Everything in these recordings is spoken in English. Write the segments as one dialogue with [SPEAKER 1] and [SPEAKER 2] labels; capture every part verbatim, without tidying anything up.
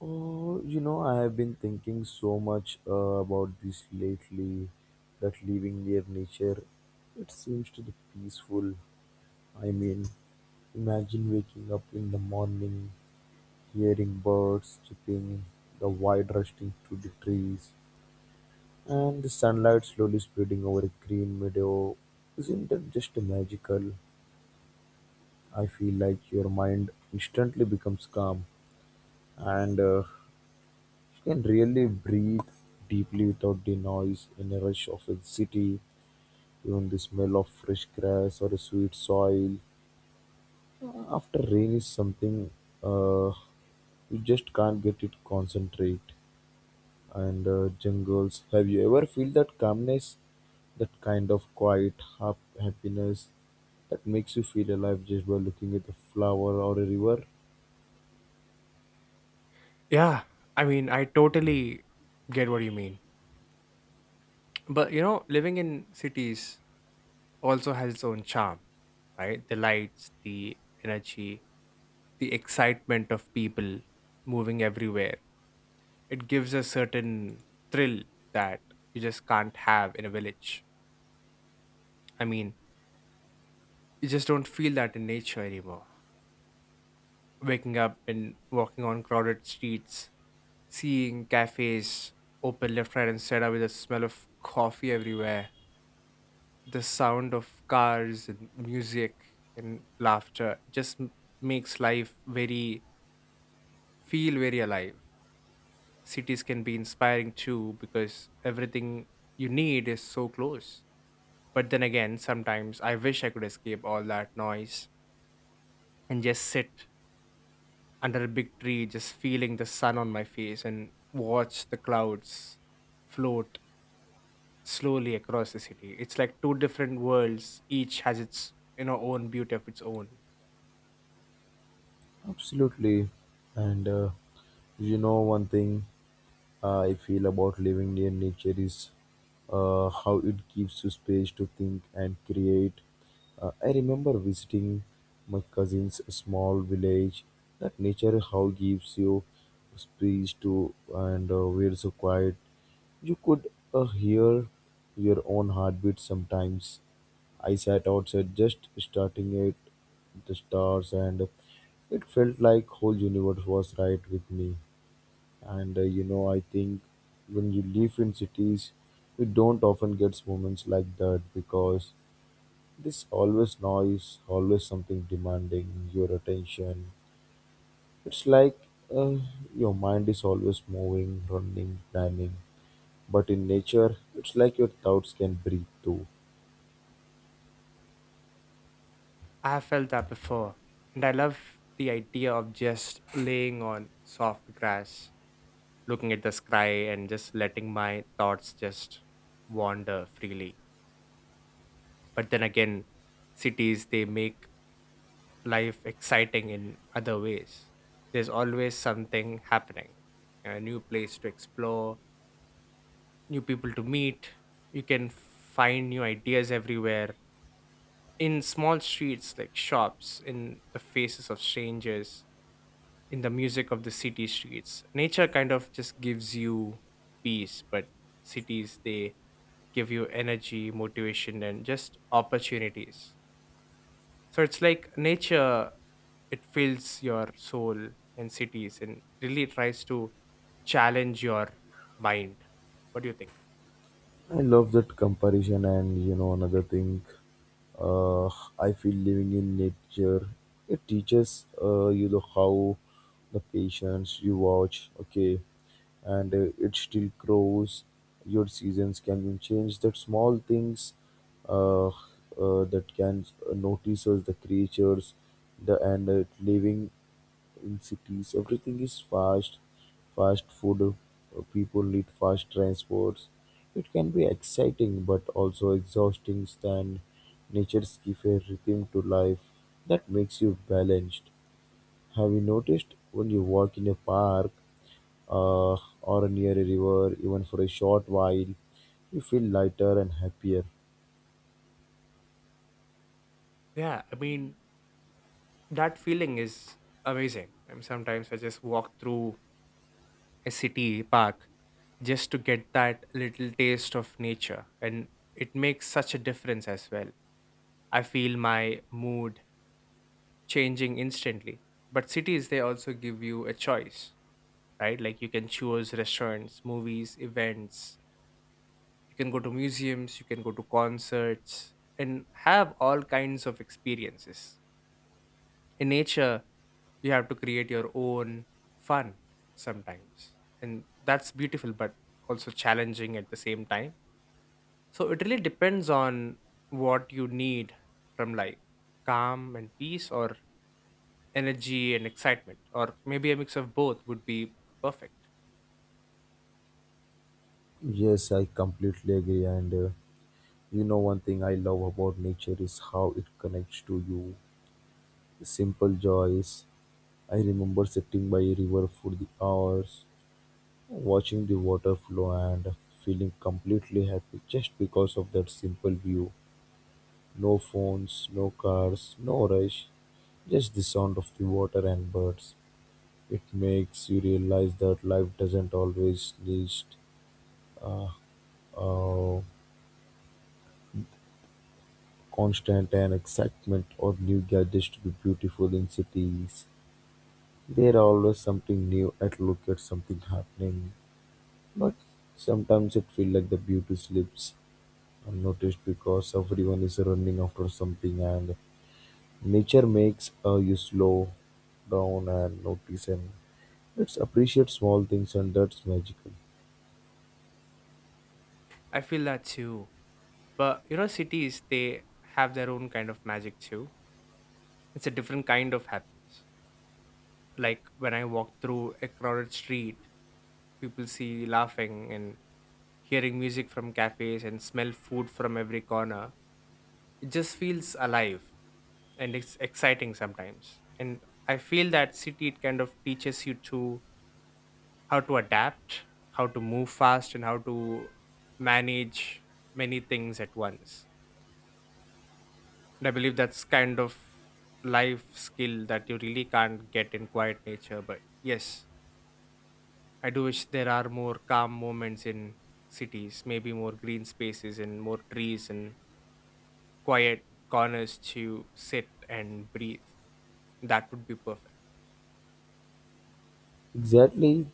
[SPEAKER 1] Oh, you know, I have been thinking so much uh, about this lately that living near nature, it seems to be peaceful. I mean, imagine waking up in the morning, hearing birds chirping, the wind rushing through the trees, and the sunlight slowly spreading over a green meadow. Isn't that just magical? I feel like your mind instantly becomes calm, and uh, you can really breathe deeply without the noise and rush of a city, even the smell of fresh grass or a sweet soil. Uh, After rain is something uh, you just can't get it concentrate. And uh, jungles, have you ever feel that calmness, that kind of quiet hap- happiness that makes you feel alive just by looking at a flower or a river?
[SPEAKER 2] Yeah, I mean, I totally get what you mean. But you know, living in cities also has its own charm, right? The lights, the energy, the excitement of people moving everywhere. It gives a certain thrill that you just can't have in a village. I mean, you just don't feel that in nature anymore. Waking up and walking on crowded streets, seeing cafes open left, right, and center with the smell of coffee everywhere, the sound of cars and music and laughter just m- makes life very feel very alive Cities can be inspiring too, because everything you need is so close. But then again, sometimes I wish I could escape all that noise and just sit under a big tree, just feeling the sun on my face and watch the clouds float slowly across the city. It's like two different worlds each has its you know own beauty of its own
[SPEAKER 1] Absolutely. And uh, you know one thing. uh, I feel about living near nature is uh, how it gives you space to think and create. Uh, I remember visiting my cousin's small village. That nature how gives you space to and uh, where so quiet. You could uh, hear your own heartbeat sometimes. I sat outside just starting at the stars, and it felt like whole universe was right with me. And uh, you know, I think when you live in cities you don't often get moments like that because there's always noise, always something demanding your attention. It's like uh, your mind is always moving, running, planning, but in nature it's like your thoughts can breathe too.
[SPEAKER 2] I have felt that before, and I love the idea of just laying on soft grass, looking at the sky, and just letting my thoughts just wander freely. But then again, cities, they make life exciting in other ways. There's always something happening, a new place to explore, new people to meet. You can find new ideas everywhere, in small streets, like shops, in the faces of strangers, in the music of the city streets. Nature kind of just gives you peace, but cities, they give you energy, motivation, and just opportunities. So it's like nature, it fills your soul, and cities and really tries to challenge your mind. What do you think?
[SPEAKER 1] I love that comparison, and you know, another thing, uh, I feel living in nature, it teaches uh, you the how the patience you watch, okay, and uh, it still grows. Your seasons can be changed. That small things uh, uh, that can uh, notice us, the creatures, the and uh, living. In cities, everything is fast: fast food, uh, people need fast transports. It can be exciting but also exhausting. Stand nature's give a rhythm to life that makes you balanced. Have you noticed when you walk in a park uh, or near a river, even for a short while, you feel lighter and happier?
[SPEAKER 2] Yeah, I mean that feeling is amazing. I mean sometimes I just walk through a city park just to get that little taste of nature, and it makes such a difference as well. I feel my mood changing instantly. But cities, they also give you a choice, right? Like, you can choose restaurants, movies, events. You can go to museums, you can go to concerts and have all kinds of experiences. In nature, you have to create your own fun sometimes, and that's beautiful but also challenging at the same time. So it really depends on what you need from life: calm and peace, or energy and excitement, or maybe a mix of both would be perfect.
[SPEAKER 1] Yes, I completely agree. And uh, you know, one thing I love about nature is how it connects to you. The simple joys. I remember sitting by a river for the hours, watching the water flow and feeling completely happy just because of that simple view. No phones, no cars, no rush, just the sound of the water and birds. It makes you realize that life doesn't always need uh, uh, constant and excitement or new gadgets to be beautiful in cities. There are always something new at look at, something happening. But sometimes it feels like the beauty slips unnoticed because everyone is running after something, and nature makes uh, you slow down and notice, and let's appreciate small things, and that's magical.
[SPEAKER 2] I feel that too. But you know, cities, they have their own kind of magic too. It's a different kind of happiness. Like, when I walk through a crowded street, people see laughing and hearing music from cafes and smell food from every corner. It just feels alive. And it's exciting sometimes. And I feel that city, it kind of teaches you to how to adapt, how to move fast, and how to manage many things at once. And I believe that's kind of life skill that you really can't get in quiet nature. But yes, I do wish there are more calm moments in cities, maybe more green spaces and more trees and quiet corners to sit and breathe. That would be perfect.
[SPEAKER 1] Exactly,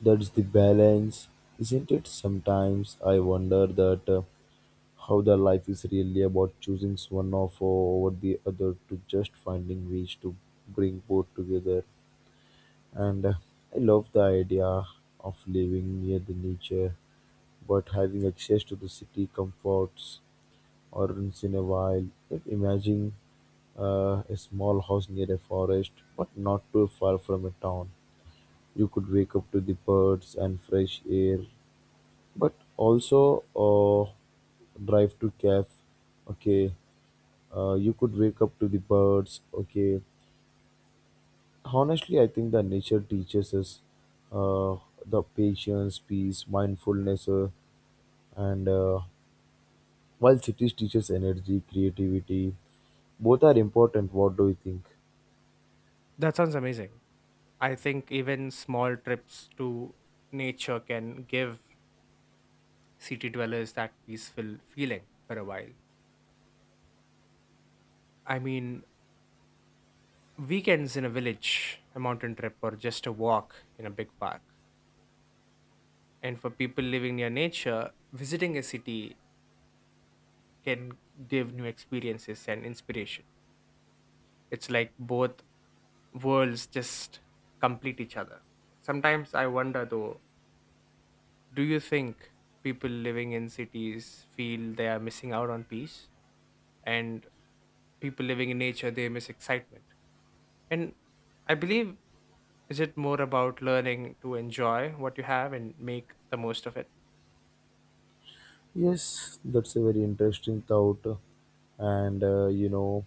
[SPEAKER 1] that's the balance, isn't it? Sometimes I wonder that uh, how the life is really about choosing one of uh, over the other to just finding ways to bring both together. And uh, I love the idea of living near the nature, but having access to the city comforts or once in a while. Like imagine uh, a small house near a forest, but not too far from a town. You could wake up to the birds and fresh air, but also uh, drive to cafe. Okay, uh, you could wake up to the birds. Okay, honestly, I think that nature teaches us uh, the patience, peace, mindfulness, uh, and uh, while cities teaches energy, creativity. Both are important. What do you think?
[SPEAKER 2] That sounds amazing. I think even small trips to nature can give city dwellers that peaceful feeling for a while. I mean, weekends in a village, a mountain trip, or just a walk in a big park. And for people living near nature, visiting a city can give new experiences and inspiration. It's like both worlds just complete each other. Sometimes I wonder though, do you think people living in cities feel they are missing out on peace? And people living in nature, they miss excitement. And I believe, is it more about learning to enjoy what you have and make the most of it?
[SPEAKER 1] Yes, that's a very interesting thought. And uh, you know,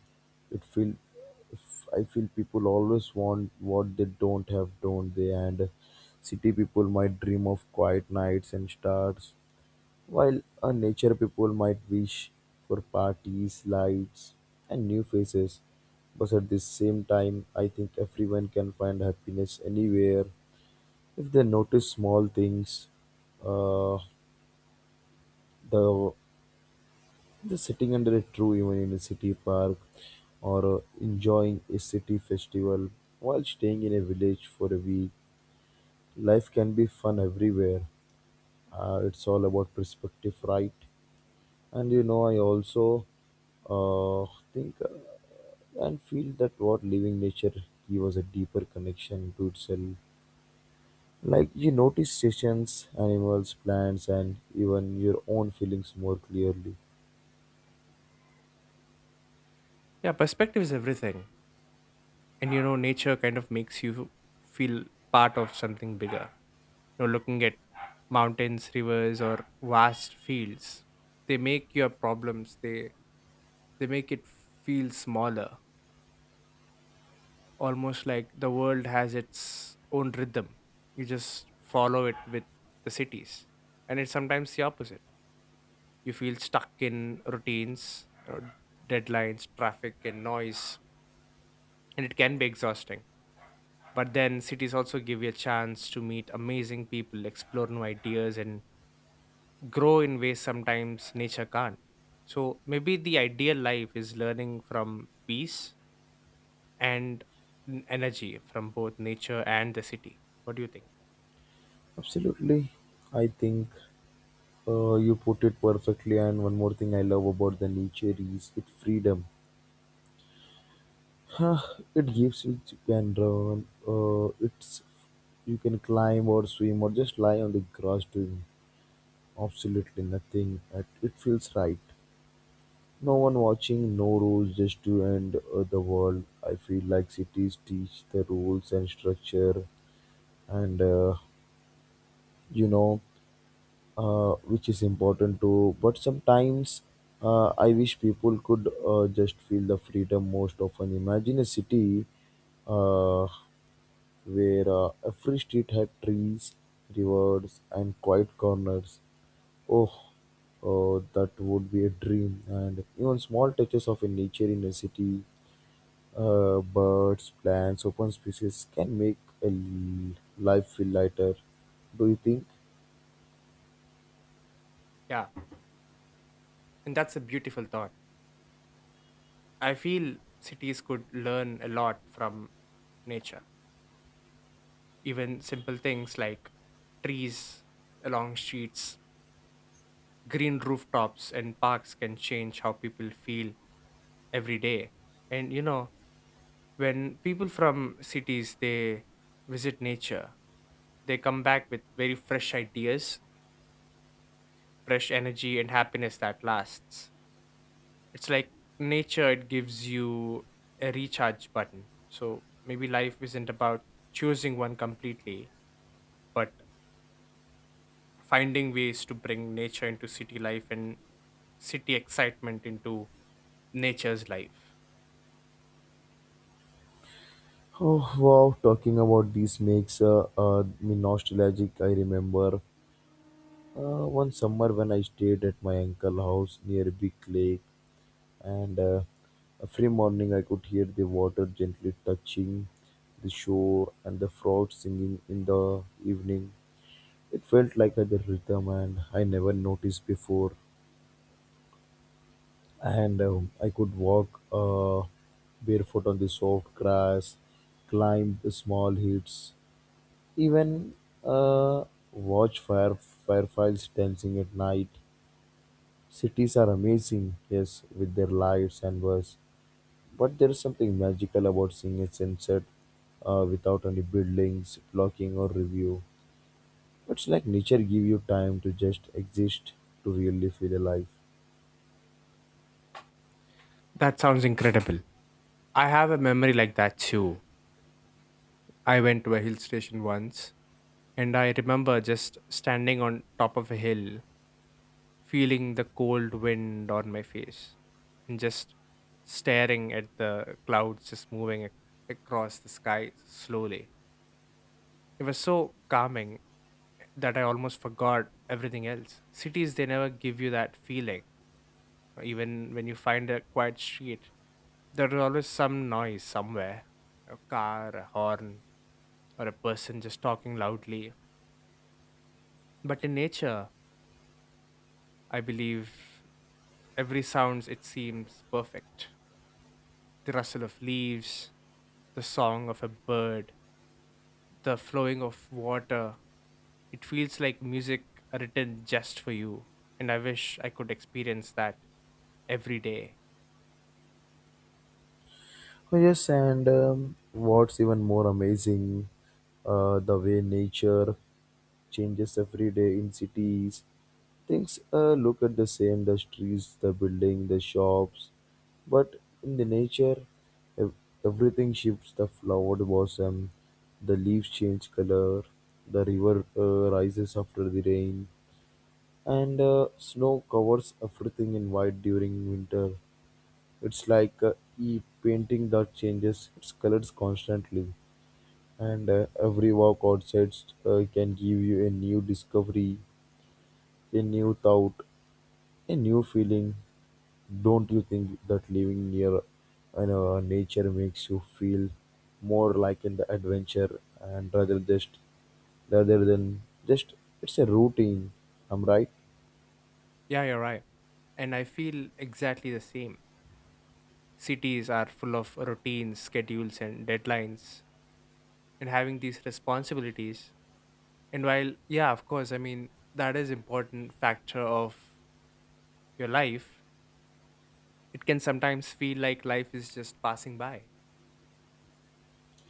[SPEAKER 1] it feel if- I feel people always want what they don't have, don't they? And city people might dream of quiet nights and stars, while a nature people might wish for parties, lights, and new faces, but at the same time, I think everyone can find happiness anywhere if they notice small things. Uh, the the sitting under a tree, even in a city park, or uh, enjoying a city festival while staying in a village for a week. Life can be fun everywhere. Uh, it's all about perspective, right? And you know, I also uh, think uh, and feel that what living nature gives us a deeper connection to itself. Like you notice seasons, animals, plants, and even your own feelings more clearly.
[SPEAKER 2] Yeah, perspective is everything. And you know, nature kind of makes you feel part of something bigger. You know, looking at mountains, rivers, or vast fields, they make your problems, they they make it feel smaller, almost like the world has its own rhythm. You just follow it. With the cities, and it's sometimes the opposite. You feel stuck in routines, uh, deadlines, traffic, and noise, and it can be exhausting. But then cities also give you a chance to meet amazing people, explore new ideas, and grow in ways sometimes nature can't. So maybe the ideal life is learning from peace and n- energy from both nature and the city. What do you think?
[SPEAKER 1] Absolutely, I think uh, you put it perfectly. And one more thing I love about the nature is its freedom. Huh, it gives you, you can run. Uh, it's you can climb or swim or just lie on the grass doing. Absolutely nothing. It it feels right. No one watching, no rules, just to end uh, the world. I feel like cities teach the rules and structure, and uh, you know, uh, which is important too. But sometimes uh, I wish people could uh, just feel the freedom most often. Imagine a city uh, where uh, every street had trees, rivers, and quiet corners. Oh, oh, that would be a dream. And even small touches of a nature in a city, uh, birds, plants, open spaces can make a l- life feel lighter. Do you think?
[SPEAKER 2] Yeah, and that's a beautiful thought. I feel cities could learn a lot from nature. Even simple things like trees along streets, green rooftops, and parks can change how people feel every day. And you know, when people from cities, they visit nature, they come back with very fresh ideas, fresh energy, and happiness that lasts. It's like nature, it gives you a recharge button. So maybe life isn't about choosing one completely, but finding ways to bring nature into city life and city excitement into nature's life.
[SPEAKER 1] Oh wow, talking about this makes uh, uh, me nostalgic. I remember uh, one summer when I stayed at my uncle house near a big lake. And uh, every morning I could hear the water gently touching the shore and the frogs singing in the evening. It felt like a rhythm and I never noticed before. And um, I could walk uh, barefoot on the soft grass, climb the small hills, even uh, watch fire fireflies dancing at night. Cities are amazing, yes, with their lights and buzz, but there is something magical about seeing a sunset uh, without any buildings, blocking, or review. It's like nature give you time to just exist, to really feel alive.
[SPEAKER 2] That sounds incredible. I have a memory like that too. I went to a hill station once, and I remember just standing on top of a hill, feeling the cold wind on my face and just staring at the clouds just moving ac- across the sky slowly. It was so calming that I almost forgot everything else. Cities, they never give you that feeling. Even when you find a quiet street, there is always some noise somewhere: a car, a horn, or a person just talking loudly. But in nature, I believe every sounds it seems perfect. The rustle of leaves, the song of a bird, the flowing of water. It feels like music written just for you. And I wish I could experience that every day.
[SPEAKER 1] Oh, yes, and um, what's even more amazing, uh, the way nature changes every day in cities. Things uh, look at the same, the streets, the building, the shops, but in the nature, ev- everything shifts. The flowered blossom, the leaves change color, the river uh, rises after the rain, and uh, snow covers everything in white during winter. It's like uh, a painting that changes its colors constantly, and uh, every walk outside uh, can give you a new discovery, a new thought, a new feeling. Don't you think that living near uh, you know, nature makes you feel more like in the adventure, and rather just rather than just it's a routine. I'm right.
[SPEAKER 2] Yeah, you're right. And I feel exactly the same. Cities are full of routines, schedules, and deadlines, and having these responsibilities. And while, yeah, of course, I mean, that is important factor of your life, it can sometimes feel like life is just passing by.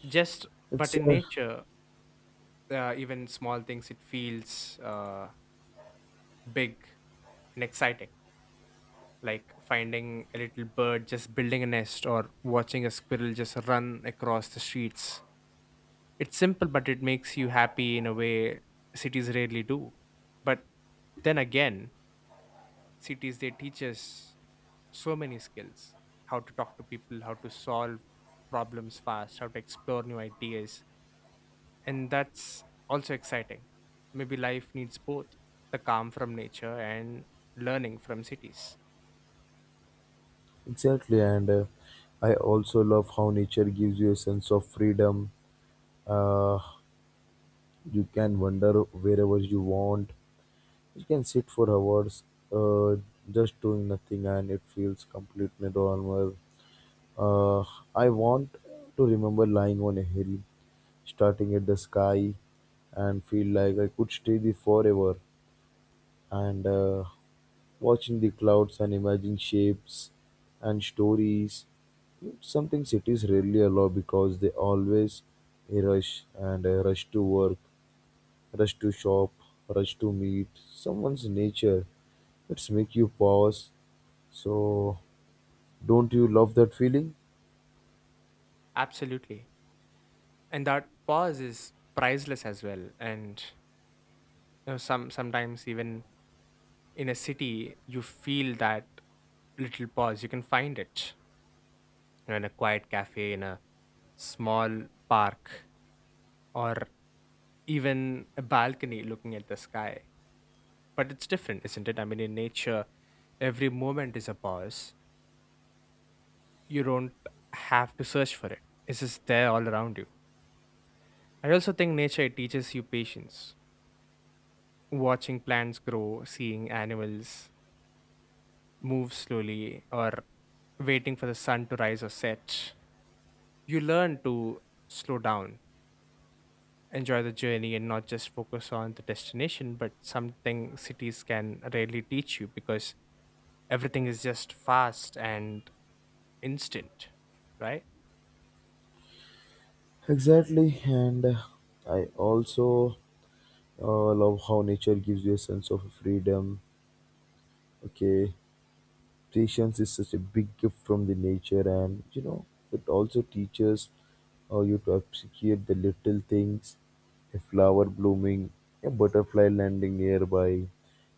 [SPEAKER 2] Just, but
[SPEAKER 1] Ex-
[SPEAKER 2] in
[SPEAKER 1] uh,
[SPEAKER 2] nature, uh, even small things it feels uh, big and exciting, like finding a little bird just building a nest or watching a squirrel just run across the streets. It's simple, but it makes you happy in a way cities rarely do. But then again, cities, they teach us so many skills: how to talk to people, how to solve problems fast, how to explore new ideas, and that's also exciting. Maybe life needs both: the calm from nature and learning from cities.
[SPEAKER 1] Exactly, and uh, I also love how nature gives you a sense of freedom. Uh, You can wander wherever you want. You can sit for hours, uh, just doing nothing, and it feels completely normal. Uh, I want to remember lying on a hill, starting at the sky, and feel like I could stay there forever. And uh, watching the clouds and imagining shapes and stories. It's something cities rarely allow because they always rush, and a rush to work, rush to shop, rush to meet someone's nature. It's make you pause. So don't you love that feeling?
[SPEAKER 2] Absolutely. And that pause is priceless as well. And you know, some sometimes even in a city, you feel that little pause. You can find it, you know, in a quiet cafe, in a small park, or even a balcony looking at the sky. But it's different, isn't it? I mean, in nature, every moment is a pause. You don't have to search for it. It's just there all around you. I also think nature teaches you patience. Watching plants grow, seeing animals move slowly, or waiting for the sun to rise or set, you learn to slow down, enjoy the journey, and not just focus on the destination, but something cities can rarely teach you because everything is just fast and instant, right?
[SPEAKER 1] Exactly, and uh, I also uh, love how nature gives you a sense of freedom. Okay, patience is such a big gift from the nature, and you know, it also teaches uh, you to appreciate the little things, a flower blooming, a butterfly landing nearby,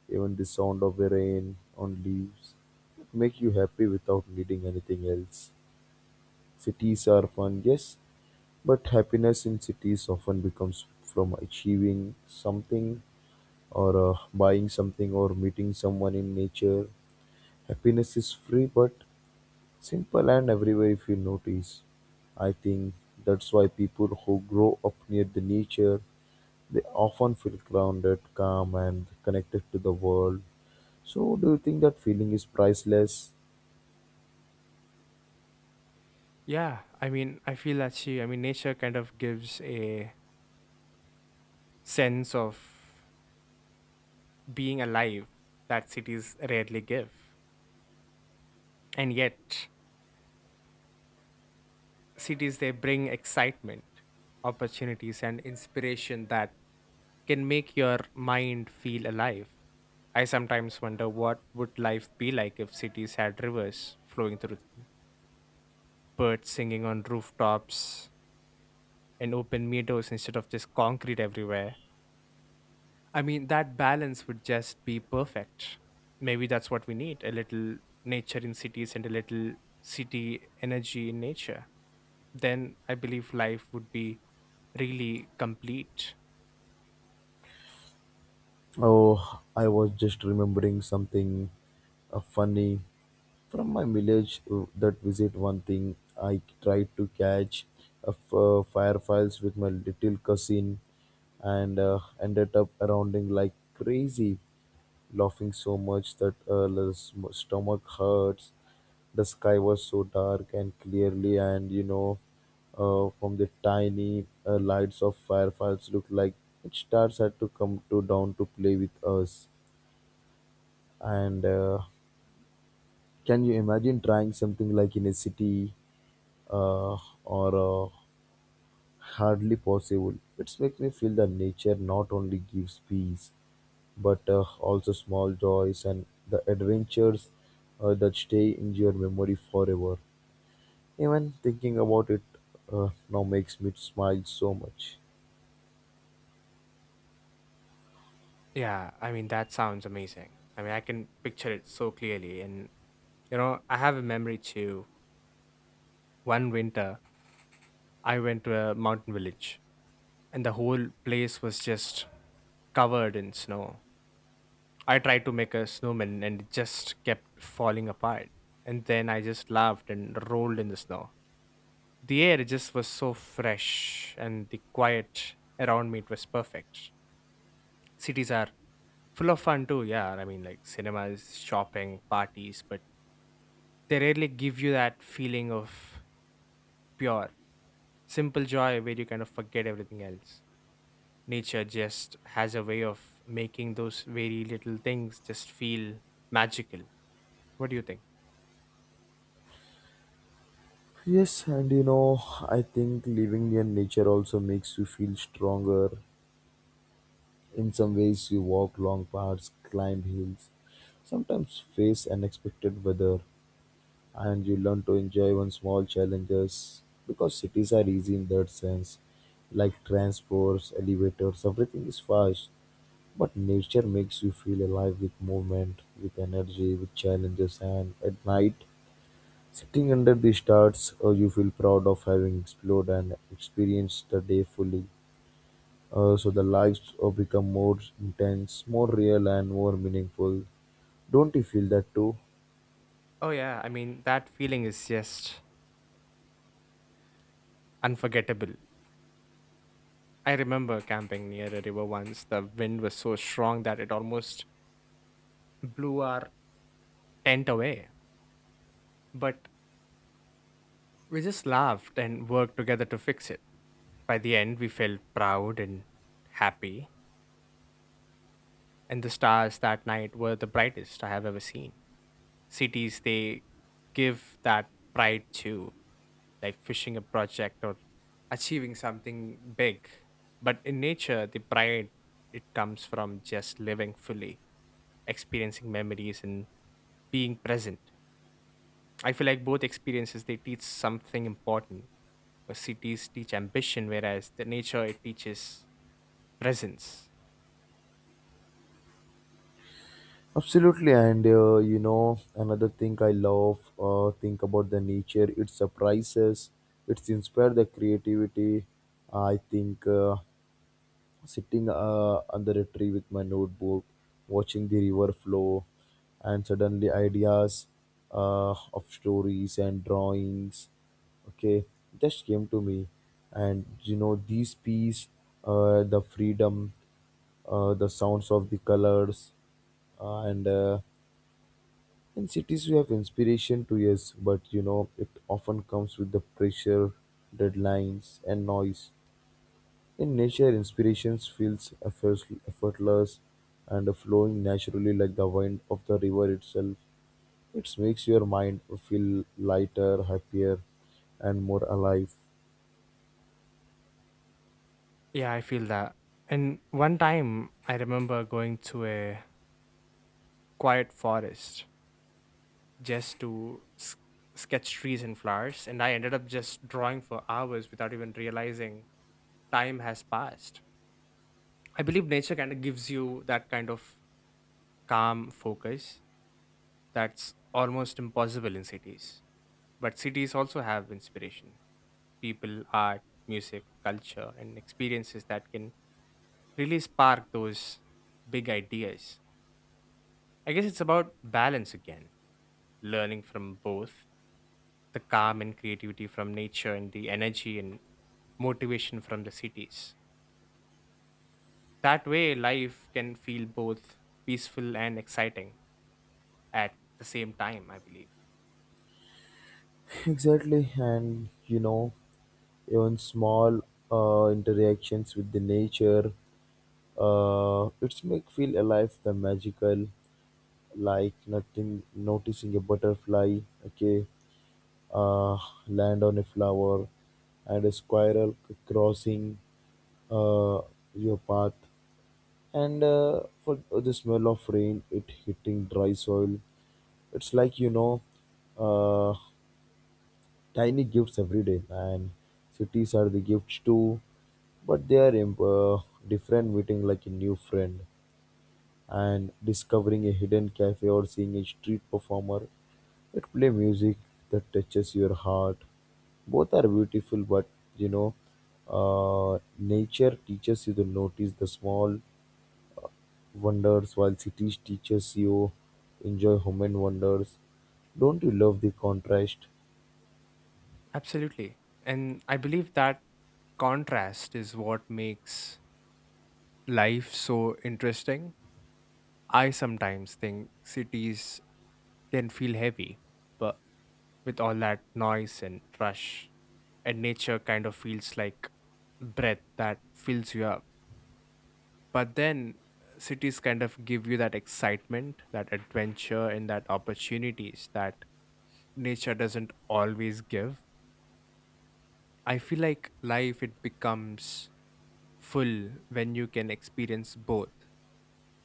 [SPEAKER 1] even the sound of the rain on leaves. It make you happy without needing anything else. Cities are fun, yes, but happiness in cities often becomes from achieving something or uh, buying something or meeting someone in nature. Happiness is free, but simple and everywhere if you notice. I think that's why people who grow up near the nature, they often feel grounded, calm and connected to the world. So do you think that feeling is priceless?
[SPEAKER 2] Yeah, I mean, I feel that she, I mean, nature kind of gives a sense of being alive that cities rarely give. And yet, cities, they bring excitement, opportunities, and inspiration that can make your mind feel alive. I sometimes wonder what would life be like if cities had rivers flowing through them, birds singing on rooftops, and open meadows instead of just concrete everywhere. I mean, that balance would just be perfect. Maybe that's what we need: a little nature in cities and a little city energy in nature. Then I believe life would be really complete.
[SPEAKER 1] Oh, I was just remembering something uh, funny from my village uh, that visit one thing. I tried to catch a f- uh, fireflies with my little cousin and uh, ended up rounding like crazy, laughing so much that uh, the sm- stomach hurts. The sky was so dark and clearly, and you know, uh, from the tiny uh, lights of fireflies, looked like each stars had to come to down to play with us. And uh, can you imagine trying something like in a city uh, or uh, hardly possible? It makes me feel that nature not only gives peace, but uh, also small joys and the adventures uh, that stay in your memory forever. Even thinking about it uh, now makes me smile so much.
[SPEAKER 2] Yeah, I mean, that sounds amazing. I mean, I can picture it so clearly. And, you know, I have a memory too. One winter, I went to a mountain village, and the whole place was just covered in snow. I tried to make a snowman, and it just kept falling apart. And then I just laughed and rolled in the snow. The air just was so fresh, and the quiet around me, it was perfect. Cities are full of fun too, yeah. I mean like cinemas, shopping, parties, but they rarely give you that feeling of pure, simple joy where you kind of forget everything else. Nature just has a way of making those very little things just feel magical. What do you think?
[SPEAKER 1] Yes, and you know, I think living near nature also makes you feel stronger. In some ways, you walk long paths, climb hills, sometimes face unexpected weather, and you learn to enjoy even small challenges, because cities are easy in that sense, like transports, elevators, everything is fast, but nature makes you feel alive with movement, with energy, with challenges, and at night, sitting under the stars, uh, you feel proud of having explored and experienced the day fully. Uh, so the lives uh, become more intense, more real, and more meaningful. Don't you feel that too?
[SPEAKER 2] Oh yeah, I mean that feeling is just unforgettable. I remember camping near a river once. The wind was so strong that it almost blew our tent away. But we just laughed and worked together to fix it. By the end, we felt proud and happy. And the stars that night were the brightest I have ever seen. Cities, they give that pride too, like finishing a project or achieving something big. But in nature, the pride, it comes from just living fully, experiencing memories and being present. I feel like both experiences, they teach something important. Uh, Cities teach ambition, whereas the nature, it teaches presence.
[SPEAKER 1] Absolutely, and uh, you know, another thing I love uh, think about the nature. It surprises, it's inspired the creativity. I think uh, sitting uh, under a tree with my notebook, watching the river flow, and suddenly ideas uh, of stories and drawings, okay, just came to me. And you know, these peace, uh, the freedom, uh, the sounds of the colors, uh, and uh, in cities, you have inspiration to, yes, but you know, it often comes with the pressure, deadlines, and noise. In nature, inspirations feels effort- effortless and flowing naturally like the wind of the river itself. It makes your mind feel lighter, happier, and more alive.
[SPEAKER 2] Yeah, I feel that. And one time I remember going to a quiet forest just to s- sketch trees and flowers, and I ended up just drawing for hours without even realizing time has passed. I believe nature kind of gives you that kind of calm focus that's almost impossible in cities. But cities also have inspiration, people, art, music, culture, and experiences that can really spark those big ideas. I guess it's about balance again, learning from both: the calm and creativity from nature and the energy and motivation from the cities. That way, life can feel both peaceful and exciting at the same time, I believe.
[SPEAKER 1] Exactly, and you know, even small uh, interactions with the nature, uh, it's make feel alive the magical, like nothing noticing a butterfly, okay, uh, land on a flower and a squirrel crossing uh, your path, and uh, for the smell of rain it hitting dry soil. It's like, you know, uh, tiny gifts every day. And cities are the gifts too, but they are imp- uh, different, meeting like a new friend and discovering a hidden cafe or seeing a street performer that play music that touches your heart. Both are beautiful, but you know, uh, nature teaches you to notice the small wonders, while cities teaches you enjoy human wonders. Don't you love the contrast?
[SPEAKER 2] Absolutely. And I believe that contrast is what makes life so interesting. I sometimes think cities can feel heavy, but with all that noise and rush, and nature kind of feels like breath that fills you up. But then uh, cities kind of give you that excitement, that adventure, and that opportunities that nature doesn't always give. I feel like life, it becomes full when you can experience both: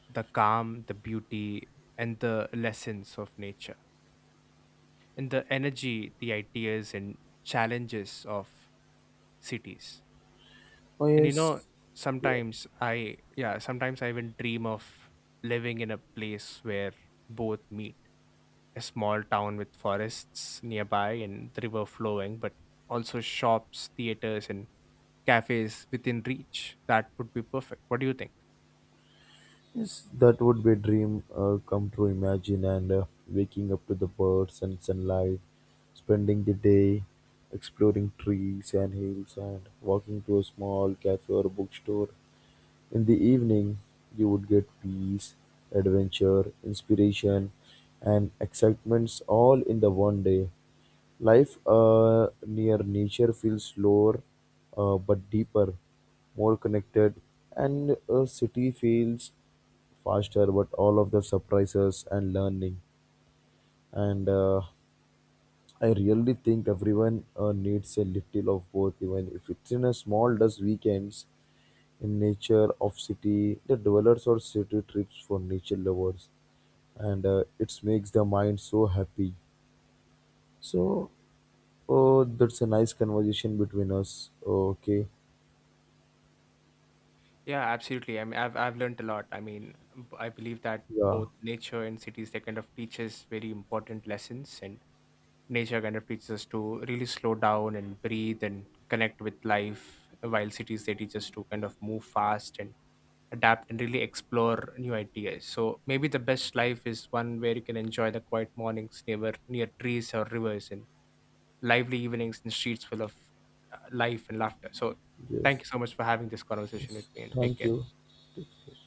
[SPEAKER 2] the calm, the beauty, and the lessons of nature, and the energy, the ideas, and challenges of cities.
[SPEAKER 1] Oh,
[SPEAKER 2] And you know,
[SPEAKER 1] yes.
[SPEAKER 2] sometimes I, yeah, sometimes I even dream of living in a place where both meet: a small town with forests nearby and the river flowing, but also shops, theaters, and cafes within reach. That would be perfect. What do you think?
[SPEAKER 1] Yes, that would be a dream uh, come true. Imagine and uh, waking up to the birds and sunlight, spending the day exploring trees and hills, and walking to a small cafe or bookstore in the evening, you would get peace, adventure, inspiration, and excitements all in the one day. Life uh, near nature feels slower uh, but deeper, more connected, and a city feels faster but all of the surprises and learning. And uh, I really think everyone uh, needs a little of both, even if it's in a small dust weekends in nature of city the dwellers or city trips for nature lovers. And uh, it makes the mind so happy. So oh, that's a nice conversation between us. Okay.
[SPEAKER 2] Yeah, absolutely. I mean, I've I've learned a lot. I mean, b- I believe that
[SPEAKER 1] Yeah.
[SPEAKER 2] both nature and cities, they kind of teach us very important lessons, and nature kind of teaches us to really slow down and breathe and connect with life, while cities, they teach us to kind of move fast and adapt and really explore new ideas. So maybe the best life is one where you can enjoy the quiet mornings near near trees or rivers and lively evenings in streets full of uh, life and laughter. So thank
[SPEAKER 1] Yes.
[SPEAKER 2] you so much for having this conversation with
[SPEAKER 1] Yes,
[SPEAKER 2] me and take
[SPEAKER 1] thank
[SPEAKER 2] care.
[SPEAKER 1] you. Take care.